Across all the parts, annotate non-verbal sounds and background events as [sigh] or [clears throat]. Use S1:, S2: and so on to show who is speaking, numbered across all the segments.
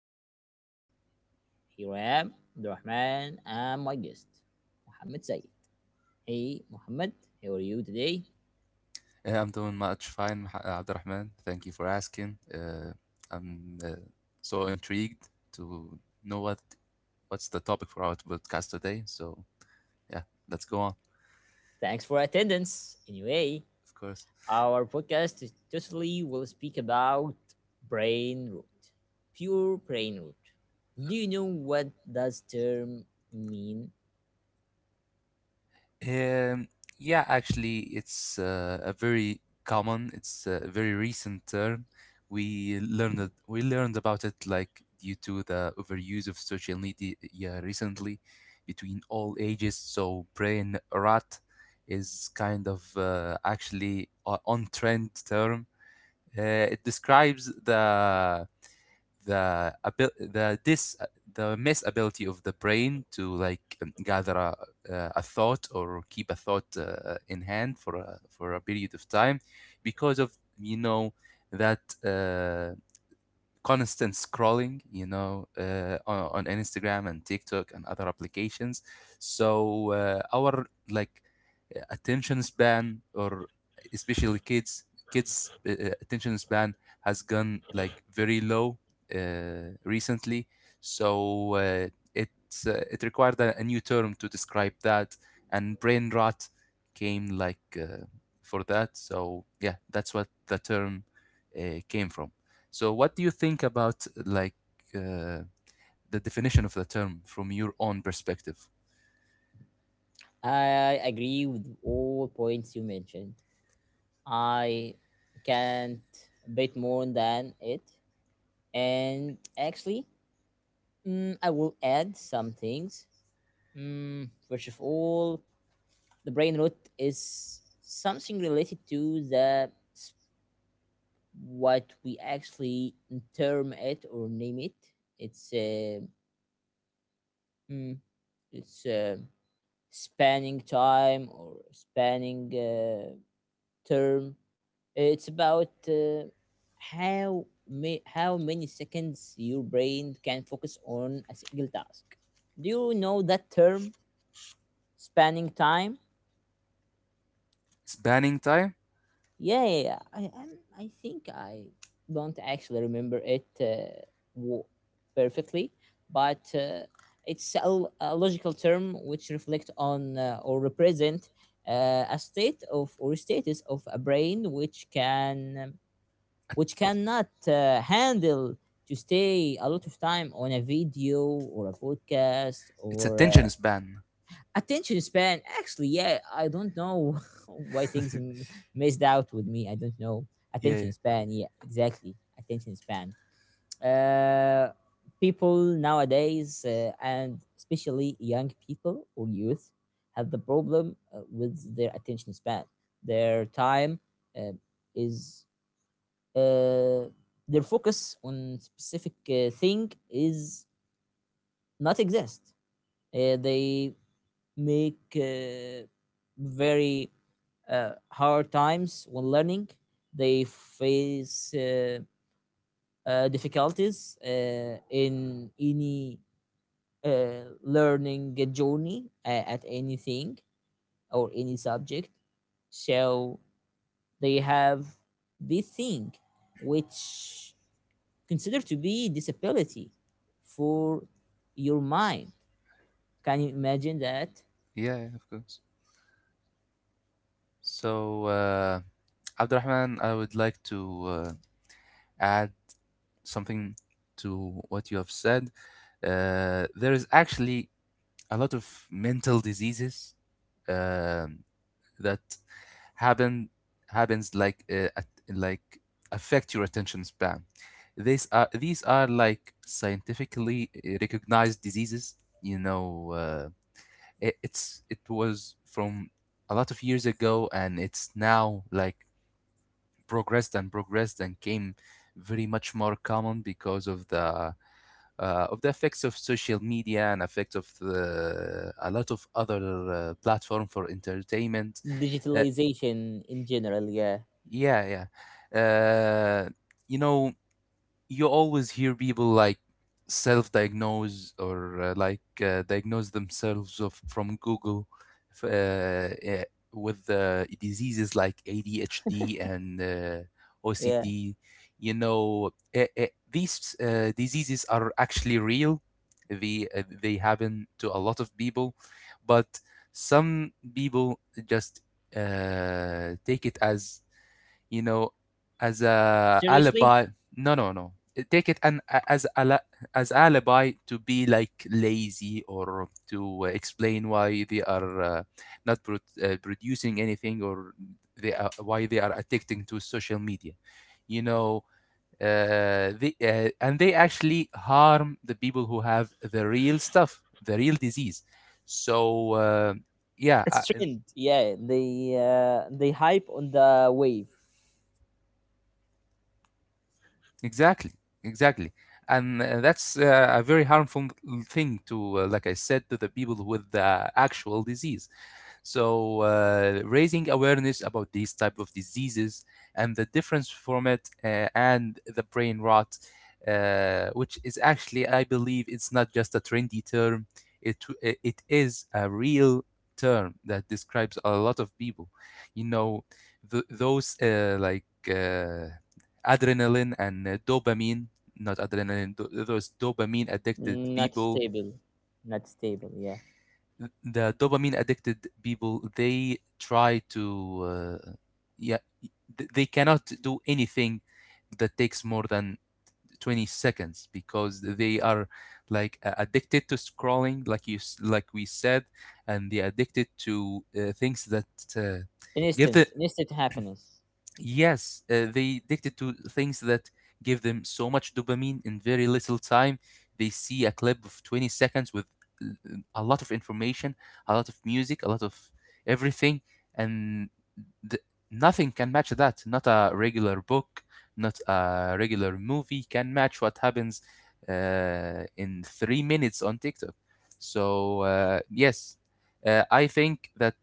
S1: podcast. Here I am, Rahman, and my guest, Mohammed Zaid. Hey, Mohammed, how are you today?
S2: Yeah, I'm doing much fine, Abdurrahman. Thank you for asking. I'm So intrigued to know what's the topic for our podcast today. So yeah, let's go on.
S1: Thanks for attendance. Anyway,
S2: Of course.
S1: our podcast is totally will speak about brain root, pure brain root. Do you know what does term mean?
S2: Um, yeah, actually, it's a very recent term. We learned about it like due to the overuse of social media, yeah, recently, between all ages. So brain rot is kind of actually a on trend term. It describes the abil- the this the mess ability of the brain to like gather a thought or keep a thought in hand for for a period of time because of, you know, that constant scrolling, you know, on Instagram and TikTok and other applications. So our attention span, or especially kids, kids' attention span has gone like very low, recently. So it required a new term to describe that, and brain rot came for that. So yeah, that's what the term came from. So, what do you think about uh, the definition of the term from your own perspective?
S1: I agree with all points you mentioned. I can't bet more than it. And actually, I will add some things. First of all, the brain rot is something related to the what we actually term it or name it. It's uh, mm, it's spanning time or spanning term. It's about how many seconds your brain can focus on a single task. Do you know that term? Spending time?
S2: Spanning time.
S1: Yeah, yeah, yeah. I I'm, I think I don't actually remember it wo- perfectly, but it's a logical term which reflect on or represent a state of or status of a brain which can which cannot handle to stay a lot of time on a video or a podcast
S2: It's
S1: or
S2: attention span.
S1: Attention span actually, yeah. I don't know [laughs] why things missed out with me. I don't know.
S2: Yeah, yeah,
S1: Attention span, yeah, exactly. Attention span uh People nowadays, and especially young people or youth, have the problem with their attention span. Their time uh, is uh, their focus on specific thing is not exist. They make very hard times when learning. They face difficulties in any learning journey at anything or any subject. So they have this thing which considered to be disability for your mind. Can you imagine that?
S2: yeah, yeah, of course. So, Abdurrahman, I would like to add something to what you have said. There is actually a lot of mental diseases um that happen happens like like affect your attention span. These are like scientifically recognized diseases. You know, it was from a lot of years ago, and it's now like progressed and progressed and came very much more common because of the effects of social media and effects of a lot of other platform for entertainment. Uh,
S1: Digitalization in general, yeah.
S2: Yeah, yeah. You know, you always hear people like self-diagnose or diagnose themselves of from Google f- uh, eh, with diseases like ADHD and
S1: Yeah.
S2: OCD. You know, these diseases are actually real. They happen to a lot of people, but some people just take it as, you know, as a
S1: Seriously?
S2: alibi. No, no, no. Take it an as ala As alibi to be like lazy or to explain why they are not pro producing anything or why they are addicting to social media. You know, they and they actually harm the people who have the real stuff, the real disease. So yeah, I,
S1: It's trend. Yeah, they hype on the wave.
S2: Exactly, exactly. And that's a very harmful thing to, like I said, to the people with the actual disease. So raising awareness about these type of diseases and the difference from it and the brain rot, which is actually, I believe, it's not just a trendy term. It is a real term that describes a lot of people. You know, th- those like adrenaline and dopamine not adrenaline tho- those dopamine addicted
S1: Not
S2: people,
S1: stable. Not stable. Yeah.
S2: they try to, yeah they cannot do anything that takes more than 20 seconds because they are like addicted to scrolling, like like we said, and they're addicted to things that uh, give the,
S1: Instant, instant happiness.
S2: yes, they addicted to things that give them so much dopamine in very little time. They see a clip of 20 seconds with, uh, a lot of information, a lot of music, a lot of everything, and th- nothing can match that. Not a regular book, not a regular movie can match what happens in 3 minutes on TikTok. So, yes, I think that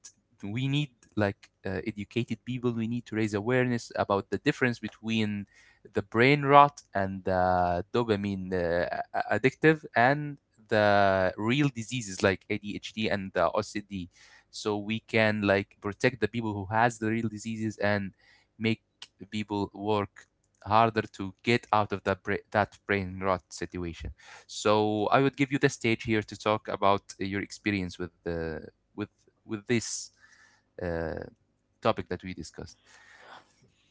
S2: we need educated people. We need to raise awareness about the difference between the brain rot and the dopamine addictive and the real diseases like ADHD and the OCD, so we can like protect the people who has the real diseases and make people work harder to get out of that brain rot situation. So I would give you the stage here to talk about your experience with the with with this uh, topic that we discussed.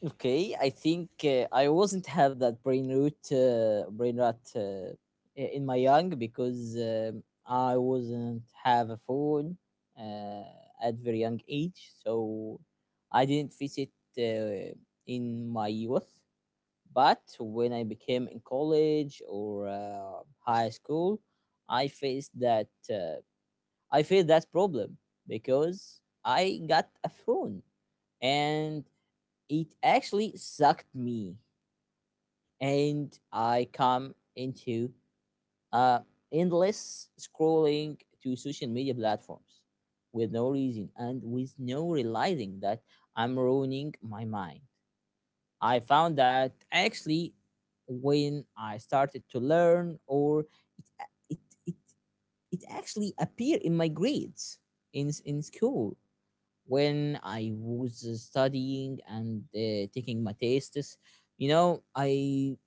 S1: Okay, I think I wasn't have that brain root, brain rot in my young because I wasn't have a phone uh, at very young age, so I didn't face it uh, in my youth. But when I became in college or high school, I faced that uh, I faced that problem because I got a phone and it actually sucked me and I come into uh, endless scrolling to social media platforms with no reason and with no realizing that I'm ruining my mind. I found that actually when I started to learn or it it, it actually appeared in my grades in school when I was studying and taking my tests. You know, I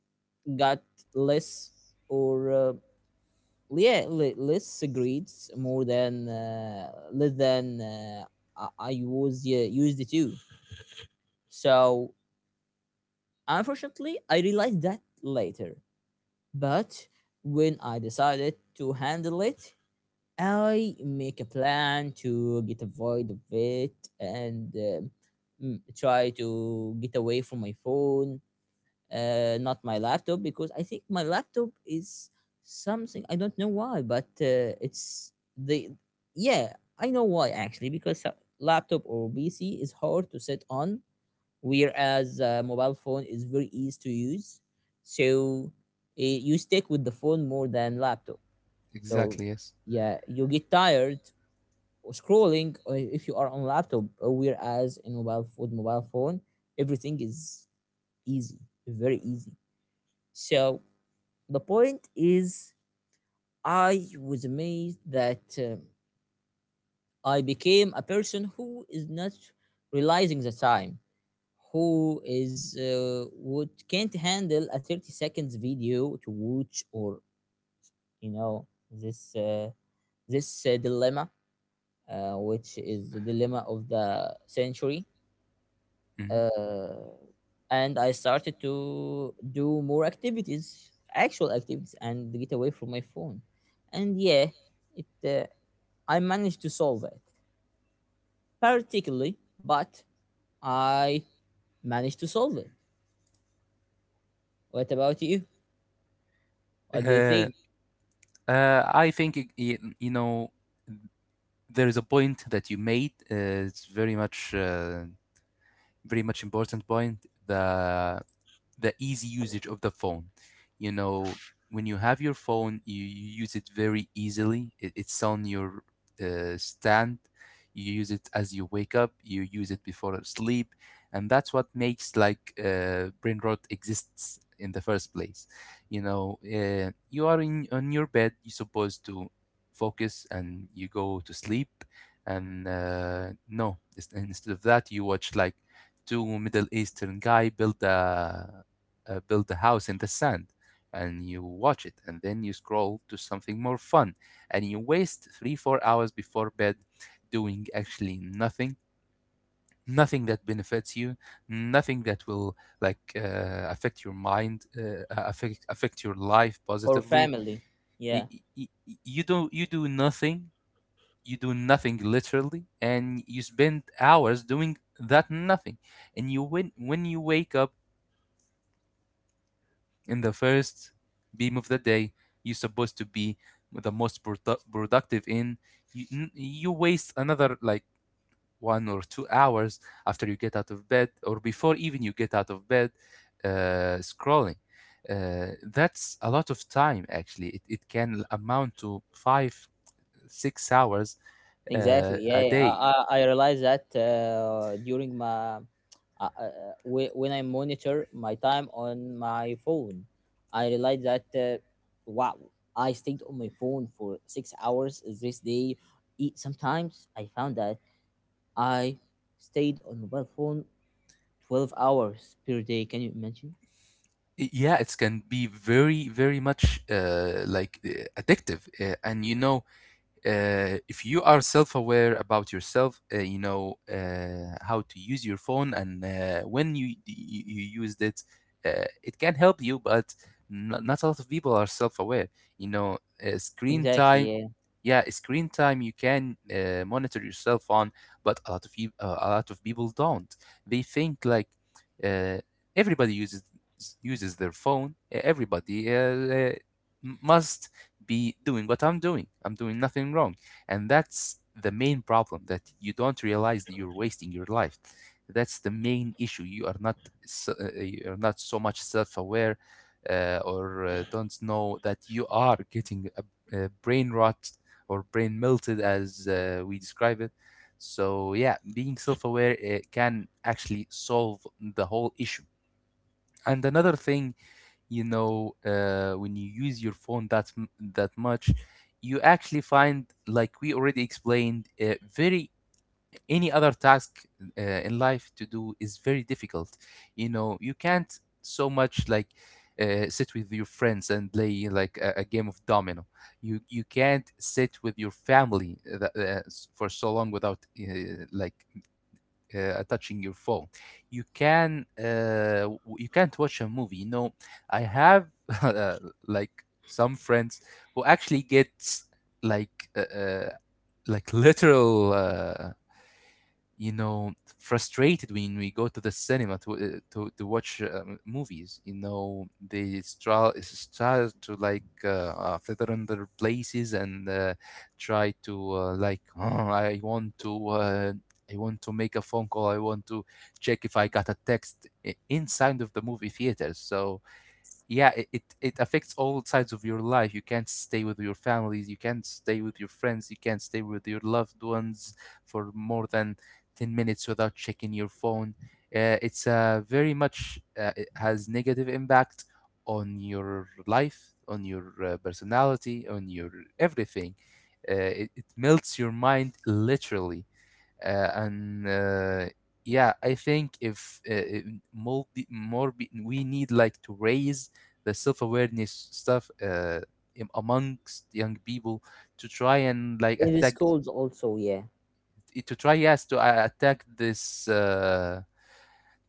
S1: got less or less grades more than less than I was used to. So unfortunately I realized that later. But when I decided to handle it, I make a plan to get avoid of it and try to get away from my phone, not my laptop, because I think my laptop is something I don't know why, but it's the, yeah, I know why actually, because a laptop or PC is hard to sit on, whereas mobile phone is very easy to use. So you stick with the phone more than laptop. So
S2: Exactly. Yes.
S1: yeah, you get tired of scrolling if you are on laptop, whereas in mobile, with mobile phone everything is easy, very easy. So the point is, I was amazed that I became a person who is not realizing the time, who is would can't handle a 30 seconds video to watch, or you know this dilemma, which is the dilemma of the century.
S2: Mhm.
S1: uh, and I started to do more activities, actual activities, and get away from my phone. And yeah, it I managed to solve it particularly, but I managed to solve it. What about you? What do you
S2: Uh,
S1: think?
S2: I think, you know, there is a point that you made. It's very much Very much important point. The the easy usage of the phone. You know, when you have your phone, you use it very easily. It's on your stand. You use it as you wake up. You use it before sleep, and that's what makes like brain rot exists in the first place. You know, you are in on your bed. You're supposed to focus, and you go to sleep. And no, instead of that, you watch like two Middle Eastern guy build a build a house in the sand, and you watch it, and then you scroll to something more fun, and you waste 3 4 hours before bed doing actually nothing, nothing that benefits you, nothing that will like affect your life
S1: Or
S2: positively.
S1: family,
S2: Y-
S1: yeah.
S2: you do not, you do nothing, you do nothing literally, and you spend hours doing that nothing. And you when you wake up in the first beam of the day, you're supposed to be the most productive. You, you waste another like 1 or 2 hours after you get out of bed, or before even you get out of bed, scrolling. That's a lot of time. Actually it can amount to 5 6 hours
S1: Exactly,
S2: a
S1: yeah,
S2: day.
S1: I realized that when I monitor my time on my phone, I realized that, wow, I stayed on my phone for 6 hours this day. Sometimes I found that I stayed on mobile phone 12 hours per day. Can you imagine?
S2: Yeah, it can be very very much addictive, and you know, if you are self-aware about yourself, you know how to use your phone and when you, you used it, it can help you. But not, not a lot of people are self-aware. You know, screen
S1: Exactly,
S2: time,
S1: yeah.
S2: yeah, screen time you can monitor yourself on, but a lot of people don't. They think like uh, everybody uses their phone, everybody must be doing what I'm doing, I'm doing nothing wrong, and that's the main problem, that you don't realize that you're wasting your life. That's the main issue. You are not, so, you are not so much self-aware, or don't know that you are getting a brain rot or brain melted, as we describe it. So yeah, being self-aware, it can actually solve the whole issue. And another thing, you know, when you use your phone that much, you actually find, like we already explained, very any other task in life to do is very difficult. You know, you can't so much like sit with your friends and play like a game of domino. You can't sit with your family for so long without touching your phone. You can you can't watch a movie, you know. I have [laughs] uh, like some friends who actually get like uh, uh, like literal, you know, frustrated when we go to the cinema to to watch movies. You know, they start to like feather in their places and try to like, "Oh, I want to I want to make a phone call. I want to check if I got a text," inside of the movie theater. So yeah, it affects all sides of your life. You can't stay with your families, you can't stay with your friends, you can't stay with your loved ones for more than 10 minutes without checking your phone. It's Very much it has negative impact on your life, on your personality, on your everything. It melts your mind literally. And Yeah, I think if we need like to raise the self-awareness stuff amongst young people, to try and like
S1: In the
S2: attack,
S1: schools also, yeah.
S2: to try, yes, to attack this uh,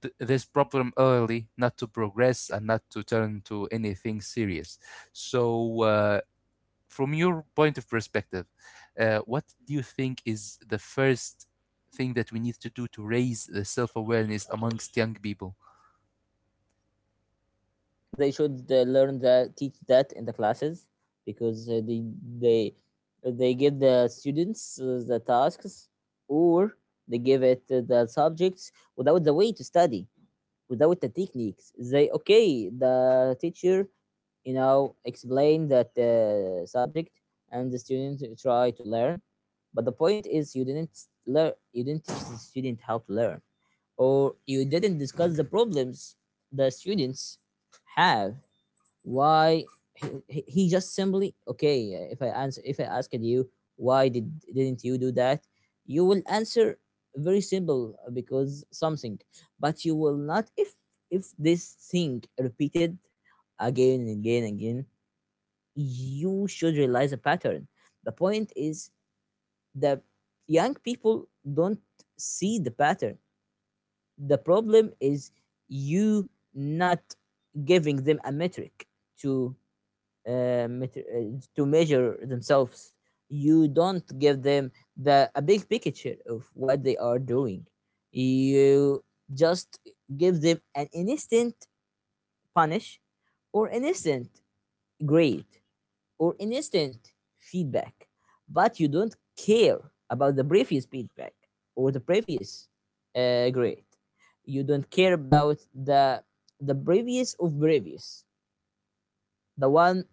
S2: th- this problem early, not to progress and not to turn to anything serious. So from your point of perspective, what do you think is the first thing that we need to do to raise the self awareness amongst young people?
S1: They should learn that, teach that in the classes, because they they give the students the tasks, or they give it the subjects without the way to study, without the techniques. They, okay, the teacher, you know, explain that subject, and the student try to learn. But the point is, you didn't learn, you didn't teach the student how to learn, or you didn't discuss the problems the students have. Why? He just simply, okay, if I answer, if I asked you, why did didn't you do that, you will answer very simple, because something. But you will not. If if this thing repeated again and again and again, you should realize a pattern. The point is that young people don't see the pattern. The problem is, you not giving them a metric to to measure themselves. You don't give them the, a big picture of what they are doing. You just give them an instant punish, or an instant grade, or an instant feedback, but you don't care about the previous feedback or the previous grade. You don't care about the previous of previous, the one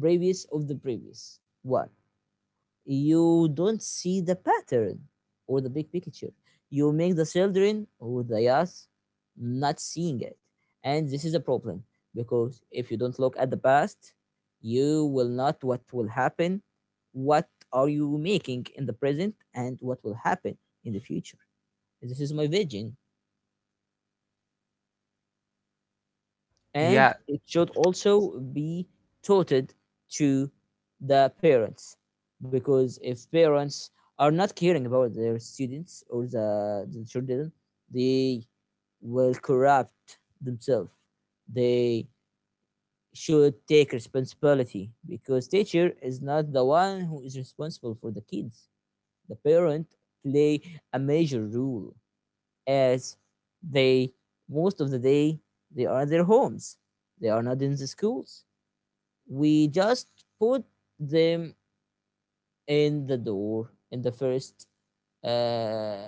S1: previous of the previous one. You don't see the pattern or the big picture. You make the children or the youth not seeing it. And this is a problem, because if you don't look at the past, you will not what will happen, what are you making in the present, and what will happen in the future. This is my vision.
S2: Yeah,
S1: And it should also be taught to the parents, because if parents are not caring about their students or the children, they will corrupt themselves. They should take responsibility, because teacher is not the one who is responsible for the kids. The parent play a major role as they, most of the day they are at their homes, they are not in the schools. We just put them in the door in the first, uh,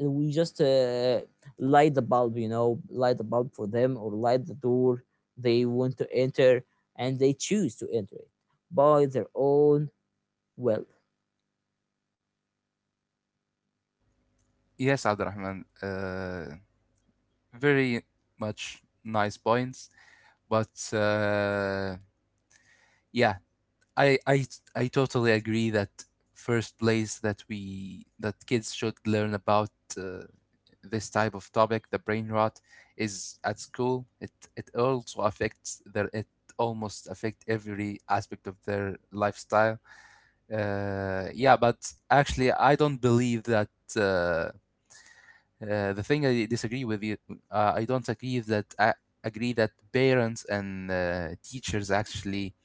S1: we just light the bulb, you know, light the bulb for them, or light the door they want to enter, and they choose to enter it by their own will.
S2: yes, Abdurrahman. Very much nice points, but yeah, I, I I totally agree that first place that we that kids should learn about uh, this type of topic, the brain rot, is at school. It also affects their, it almost affect every aspect of their lifestyle. Yeah, but actually, I don't believe that. Uh, the thing I disagree with you, I don't agree that I agree that parents and teachers actually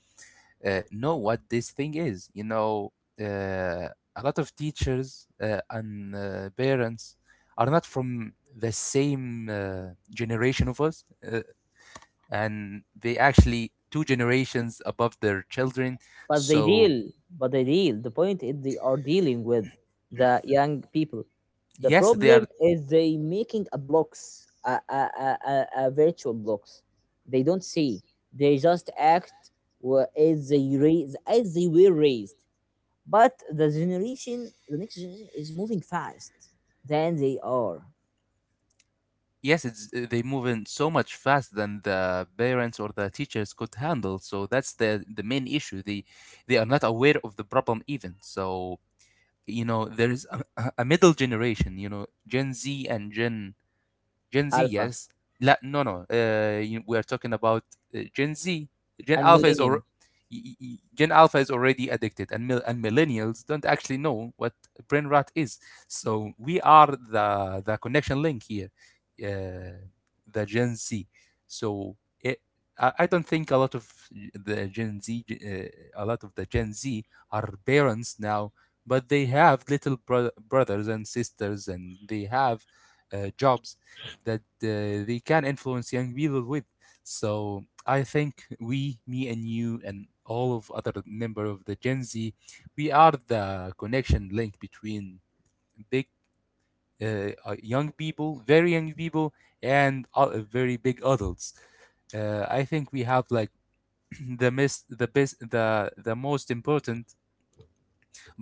S2: uh, know what this thing is. Uh, a lot of teachers and parents are not from the same generation of us, uh, and they actually 2 generations above their children.
S1: But they
S2: So
S1: deal, but they deal, the point is, they are dealing with the young people. The
S2: yes, they are.
S1: problem is, they making a blocks a virtual blocks. They don't see. They just act as they raise, as they were raised. But the generation, the next generation is moving fast than they are.
S2: Yes, it's they move in so much faster than the parents or the teachers could handle. So that's the main issue. They are not aware of the problem even. So there's a middle generation, Gen Z and Gen Z,
S1: Alpha
S2: yes. La, no, no. We are talking about Gen Z. Gen
S1: and
S2: Alpha is or
S1: millennium.
S2: Gen Alpha is already addicted, and and millennials don't actually know what brain rot is. So we are the connection link here, uh, the Gen Z. So it, I, I don't think a lot of the Gen Z, a lot of the Gen Z are parents now, but they have little brothers and sisters, and they have jobs that they can influence young people with. So I think me and you and all of other member of the Gen Z, we are the connection link between big young people, very young people, and very big adults. I think we have like [clears throat] the mis- the best the most important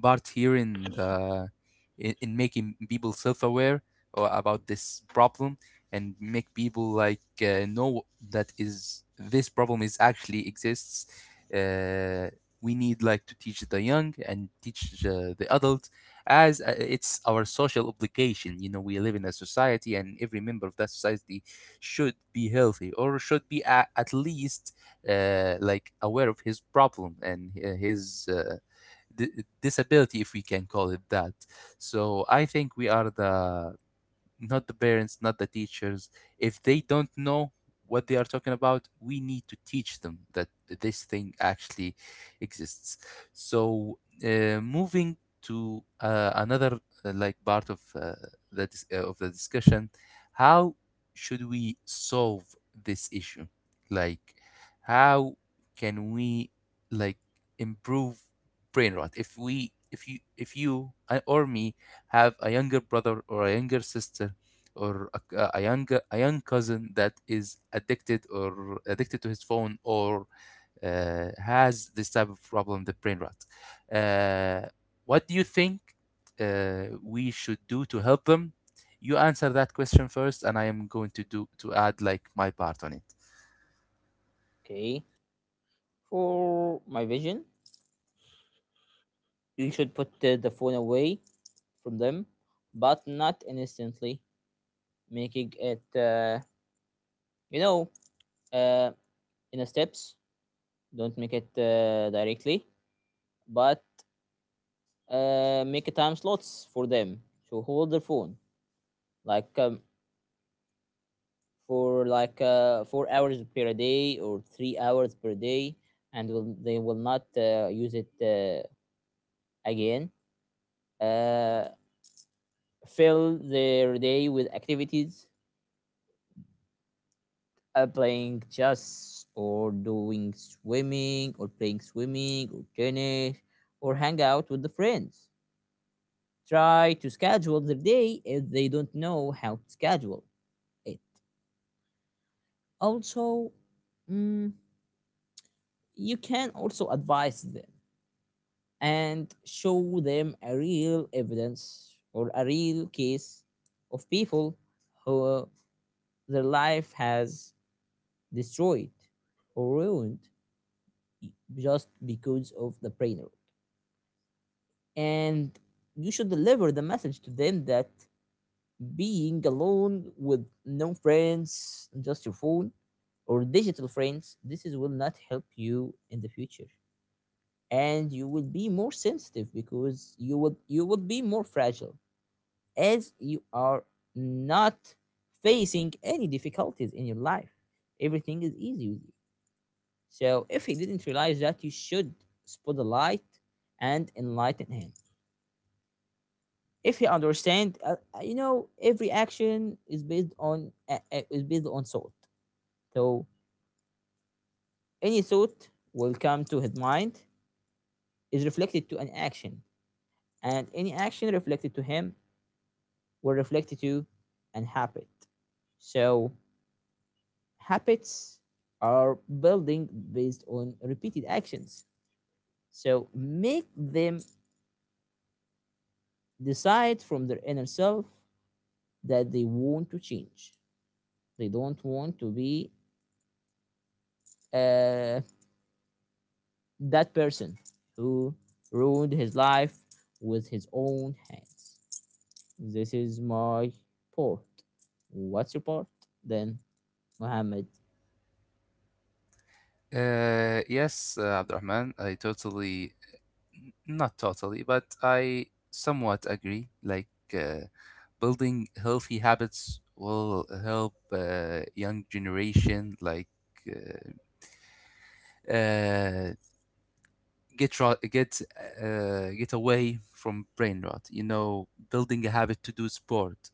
S2: part here in in making people self-aware or about this problem and make people know that is this problem is actually exists. uh, we need like to teach the young and teach the adult, as it's our social obligation. We live in a society, and every member of that society should be healthy or should be at least like aware of his problem and his di- disability, if we can call it that. So I think we are the not the parents, not the teachers. If they don't know what they are talking about, we need to teach them that this thing actually exists. So, moving to another like part of of the discussion, how should we solve this issue? Like, how can we like improve brain rot? If you or me have a younger brother or a younger sister or a young cousin that is addicted or addicted to his phone, or has this type of problem, the brain rot. Uh, what do you think we should do to help them? You answer that question first, and I am going to do to add like my part on it.
S1: Okay, for my vision, you should put the phone away from them, but not instantly, making it, you know, uh, in the steps. Don't make it directly, but make a time slots for them to hold their phone, like for like 4 hours per day or 3 hours per day, and will, they will not use it again. Uh, Fill their day with activities, playing chess or doing swimming or playing swimming or tennis, or hang out with the friends. Try to schedule their day if they don't know how to schedule it. Also, mm, you can also advise them and show them a real evidence or a real case of people who, their life has destroyed or ruined just because of the brainer. And you should deliver the message to them that being alone with no friends, just your phone or digital friends, this is will not help you in the future. And you will be more sensitive because you would, you would be more fragile as you are not facing any difficulties in your life. Everything is easy with you. So if he didn't realize that, you should spot the light and enlighten him. If you understand, you know, every action is based on thought. So any thought will come to his mind is reflected to an action, and any action reflected to him will reflect to an habit. So habits are building based on repeated actions. So make them decide from their inner self that they want to change. They don't want to be uh, that person who ruined his life with his own hands. This is my port. What's your port then, Mohammed?
S2: Yes, Abdurrahman, not totally, but I somewhat agree. Like, uh, building healthy habits will help young generation, uh, uh, get rot, get get away from brain rot. You know, building a habit to do sport,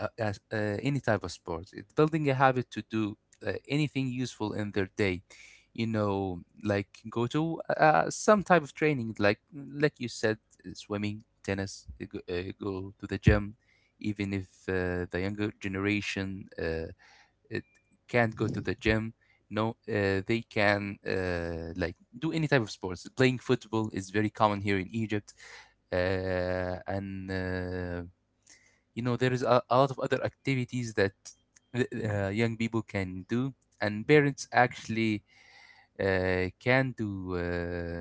S2: uh, uh, uh, any type of sport. Building a habit to do anything useful in their day. You know, like, go to some type of training, like you said, swimming, tennis. Go to the gym. Even if the younger generation it can't go to the gym. No, they can like do any type of sports. Playing football is very common here in Egypt, and you know there is a lot of other activities that young people can do, and parents actually uh, can do uh,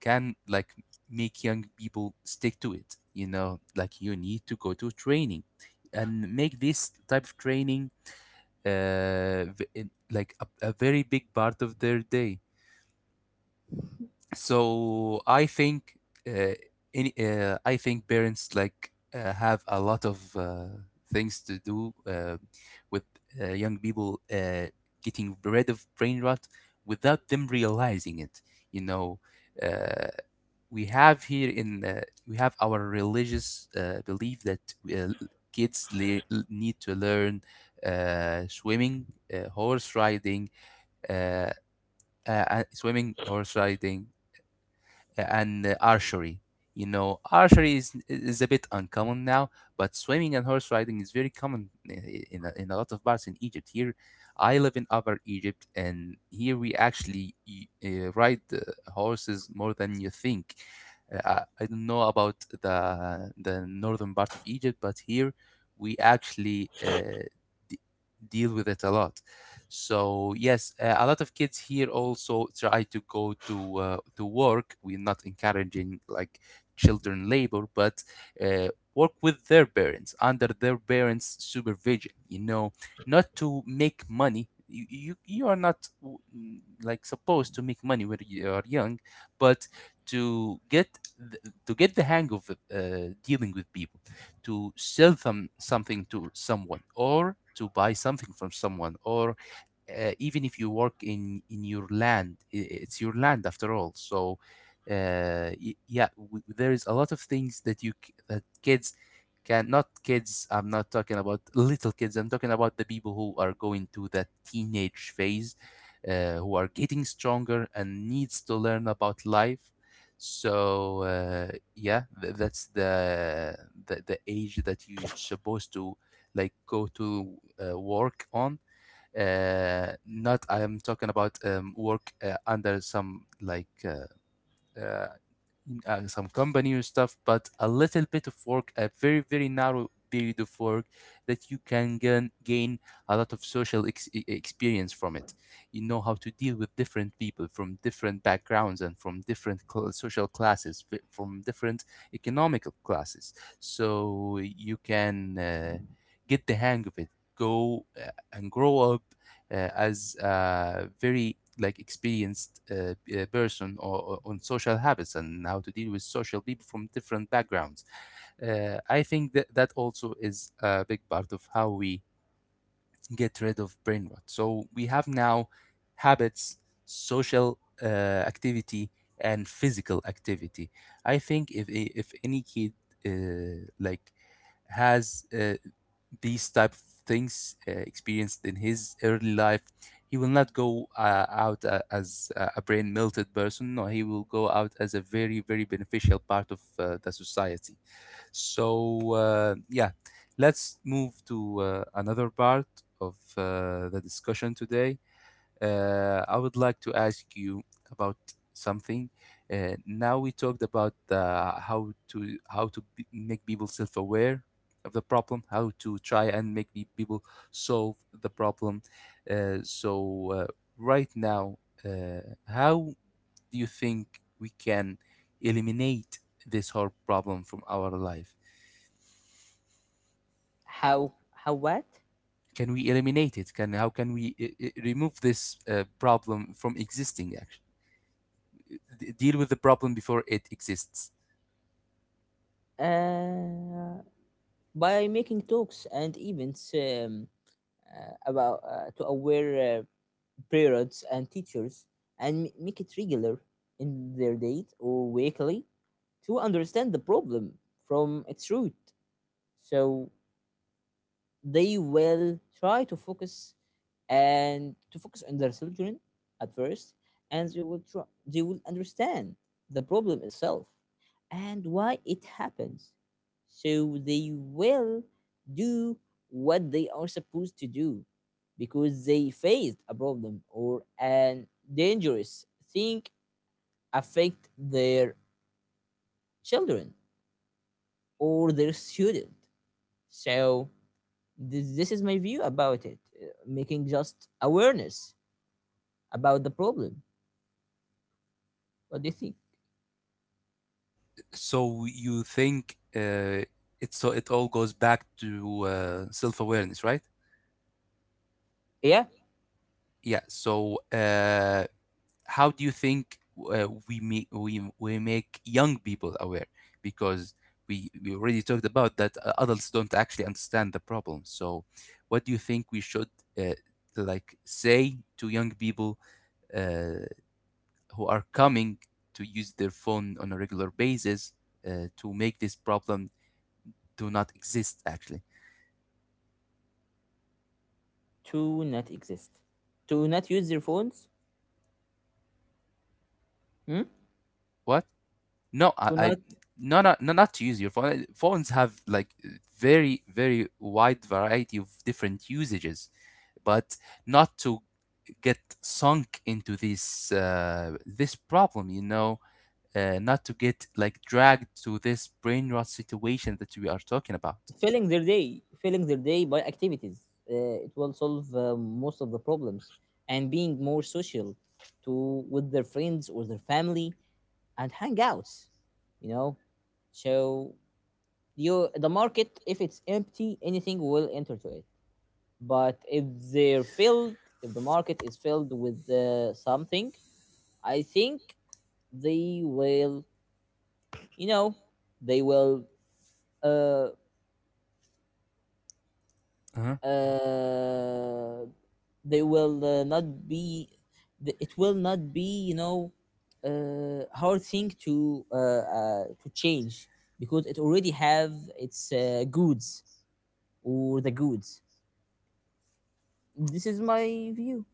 S2: can, like, make young people stick to it. You know, like, you need to go to training and make this type of training, uh, like a very big part of their day. So I think uh, in uh, I think parents like have a lot of things to do with young people getting rid of brain rot without them realizing it. You know, uh, we have our religious belief that uh, kids need to learn swimming, horse riding, uh, uh, swimming, horse riding, and archery. You know, archery is a bit uncommon now, but swimming and horse riding is very common in a lot of parts in Egypt. Here, I live in Upper Egypt, and here we actually ride horses more than you think. I don't know about the northern part of Egypt, but here we actually d- deal with it a lot. So yes, a lot of kids here also try to go to work. We're not encouraging like children labor, but uh, work with their parents, under their parents' supervision. You know, not to make money. You are not like supposed to make money when you are young, but to get the hang of dealing with people, to sell them something to someone, or to buy something from someone, or even if you work in your land, it's your land after all. So there is a lot of things that kids can. Not kids, I'm not talking about little kids, I'm talking about the people who are going to that teenage phase, who are getting stronger and needs to learn about life. So that's the age that you're supposed to, like, go to work on. Not, I am talking about, work, under some like uh, some company or stuff, but a little bit of work, a very very narrow period of work that you can gain a lot of social experience from it. You know how to deal with different people from different backgrounds and from different social classes, from different economical classes, so you can get the hang of it. Go and grow up as a very like experienced person, or on social habits and how to deal with social people from different backgrounds. I think that also is a big part of how we get rid of brain rot. So we have now habits, social activity, and physical activity. I think if any kid like has these type of things experienced in his early life, he will not go out as a brain melted person. No, he will go out as a very, very beneficial part of the society. So, yeah, let's move to another part of the discussion today. I would like to ask you about something. Now we talked about how to make people self-aware of the problem, how to try and make people solve the problem. So, right now, how do you think we can eliminate this whole problem from our life?
S1: How what?
S2: Can we eliminate it? Can How can we remove this problem from existing? Deal with the problem before it exists.
S1: Uh, by making talks and events, about to aware parents and teachers and make it regular in their date or weekly to understand the problem from its root. So they will try to focus and to focus on their children at first, and they will try, they will understand the problem itself and why it happens, so they will do what they are supposed to do because they faced a problem or an dangerous thing affect their children or their student. So this is my view about it, making just awareness about the problem. What do you think?
S2: So you think it all goes back to self awareness, right?
S1: Yeah.
S2: Yeah. So how do you think we make young people aware? Because we already talked about that adults don't actually understand the problem. So what do you think we should, uh, like, say to young people? Uh, who are coming to use their phone on a regular basis, to make this problem do not exist actually.
S1: To not exist. To not use their phones. Hmm?
S2: What? no i,
S1: To
S2: I
S1: not.
S2: No, no, no, not to use your phone. Phones have like very, very wide variety of different usages, but not to get sunk into this problem. You know, not to get like dragged to this brain rot situation that we are talking about.
S1: Filling their day by activities, it will solve most of the problems. And being more social to with their friends or their family, and hangouts, you know. So you, the market, if it's empty, anything will enter to it. But if they're filled, if the market is filled with something, I think they will, you know, they will, uh,
S2: Uh-huh.
S1: uh, they will not be, th- it will not be, you know, hard thing to change, because it already have its goods, or the goods. This is my view.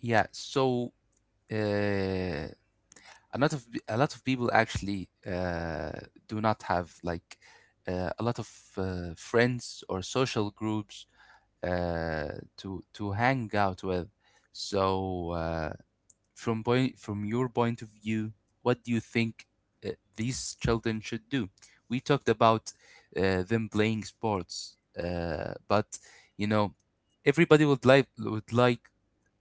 S2: Yeah. So uh, a lot of people actually do not have like a lot of friends or social groups uh, to hang out with. So from your point of view, what do you think these children should do? We talked about them playing sports, but you know everybody would like would like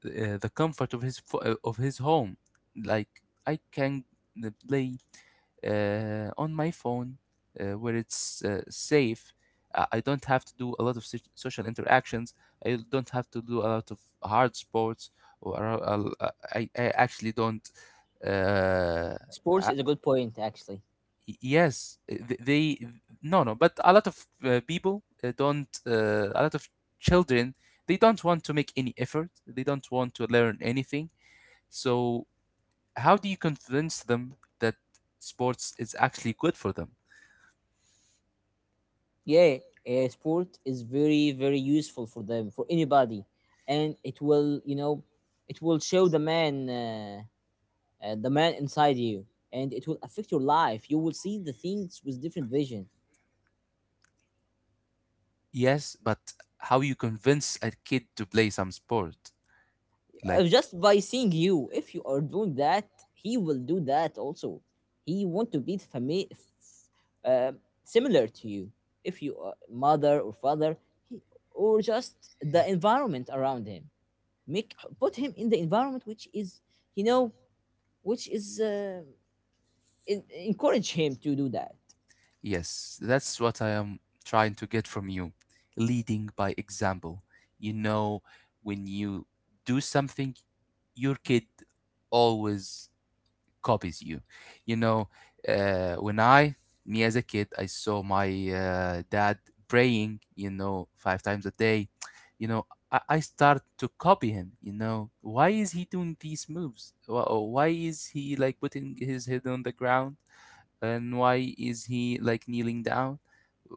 S2: uh, the comfort of of his home. Like, I can play on my phone where it's safe. I don't have to do a lot of social interactions. I don't have to do a lot of hard sports. Or I actually don't. Uh,
S1: Sports
S2: I,
S1: is a good point, actually.
S2: yes, th- they no, no. But a lot of people don't. A lot of children, they don't want to make any effort. They don't want to learn anything. So, how do you convince them that sports is actually good for them?
S1: Yeah, sport is very very useful for them, for anybody. And it will, you know, it will show the man inside you, and it will affect your life. You will see the things with different vision.
S2: Yes, but how you convince a kid to play some sport?
S1: Uh,
S2: Like,
S1: just by seeing you, if you are doing that, he will do that also. He want to be uh, similar to you if you are mother or father. he, or just the environment around him, make, put him in the environment which is, you know, which is encourage him to do that.
S2: yes, that's what I am trying to get from you. Leading by example. You know, when you do something, your kid always copies you. You know, uh, when I, me as a kid, I saw my dad praying, 5 times a day, I start to copy him. Why is he doing these moves? Why is he like putting his head on the ground? And why is he like kneeling down?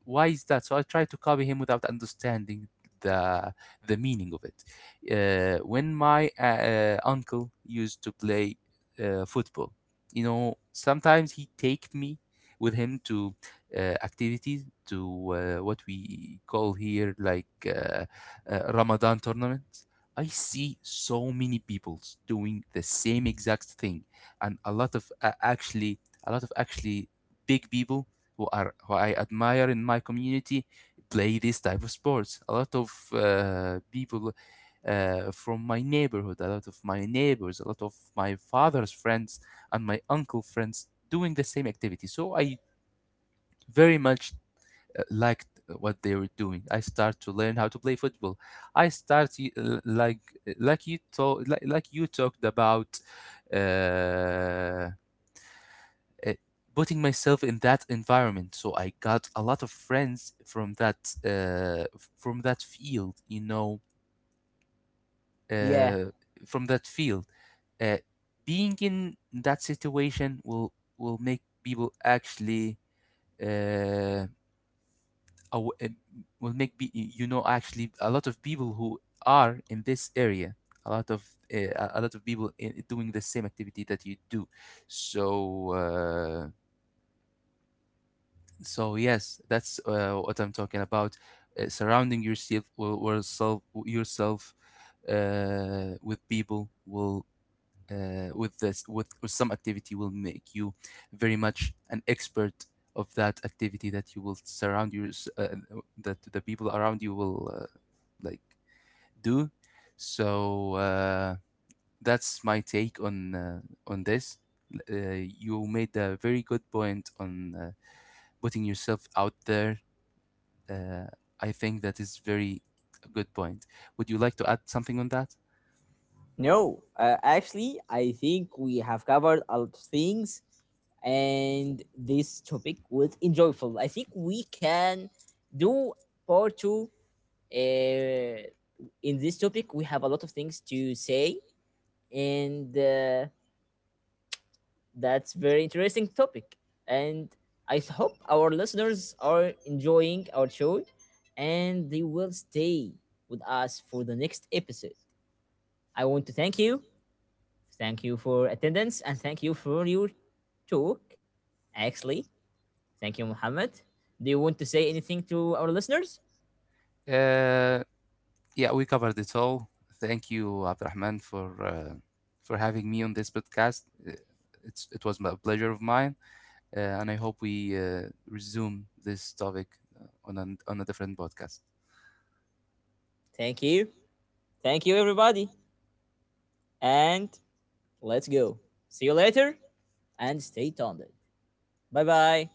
S2: Why is that? So I tried to copy him without understanding the the meaning of it. When my uncle used to play football, you know, sometimes he take me with him to activities, to what we call here, like, Ramadan tournaments. I see so many peoples doing the same exact thing, and a lot of actually a lot of actually big people, who I admire in my community, play this type of sports. A lot of people from my neighborhood, a lot of my neighbors, a lot of my father's friends and my uncle friends doing the same activity. So I very much liked what they were doing. I start to learn how to play football. I start, like you talked about, uh, uh, putting myself in that environment. So I got a lot of friends from that
S1: Yeah,
S2: uh, field. Uh, Being in that situation will make people actually, uh, aw- will make be, you know actually, a lot of people who are in this area, a lot of a lot of people in, doing the same activity that you do. So, so yes, that's what I'm talking about. Surrounding yourself, will self, yourself with people will with some activity will make you very much an expert of that activity, that you will surround your uh, that the people around you will like do. So that's my take on this. You made a very good point on putting yourself out there. uh, I think that is very a good point. Would you like to add something on that?
S1: no, actually I think we have covered a lot of things, and this topic was enjoyable. I think we can do part two. uh, in this topic we have a lot of things to say, and that's very interesting topic. And I hope our listeners are enjoying our show, and they will stay with us for the next episode. I want to thank you for attendance, and thank you for your talk. Actually, thank you, Muhammad. Do you want to say anything to our listeners?
S2: Uh, yeah, we covered it all. Thank you, Abdurrahman, for having me on this podcast. It was a pleasure of mine, and I hope we resume this topic on a different podcast.
S1: Thank you, thank you, everybody, and let's go. See you later, and stay tuned. Bye bye.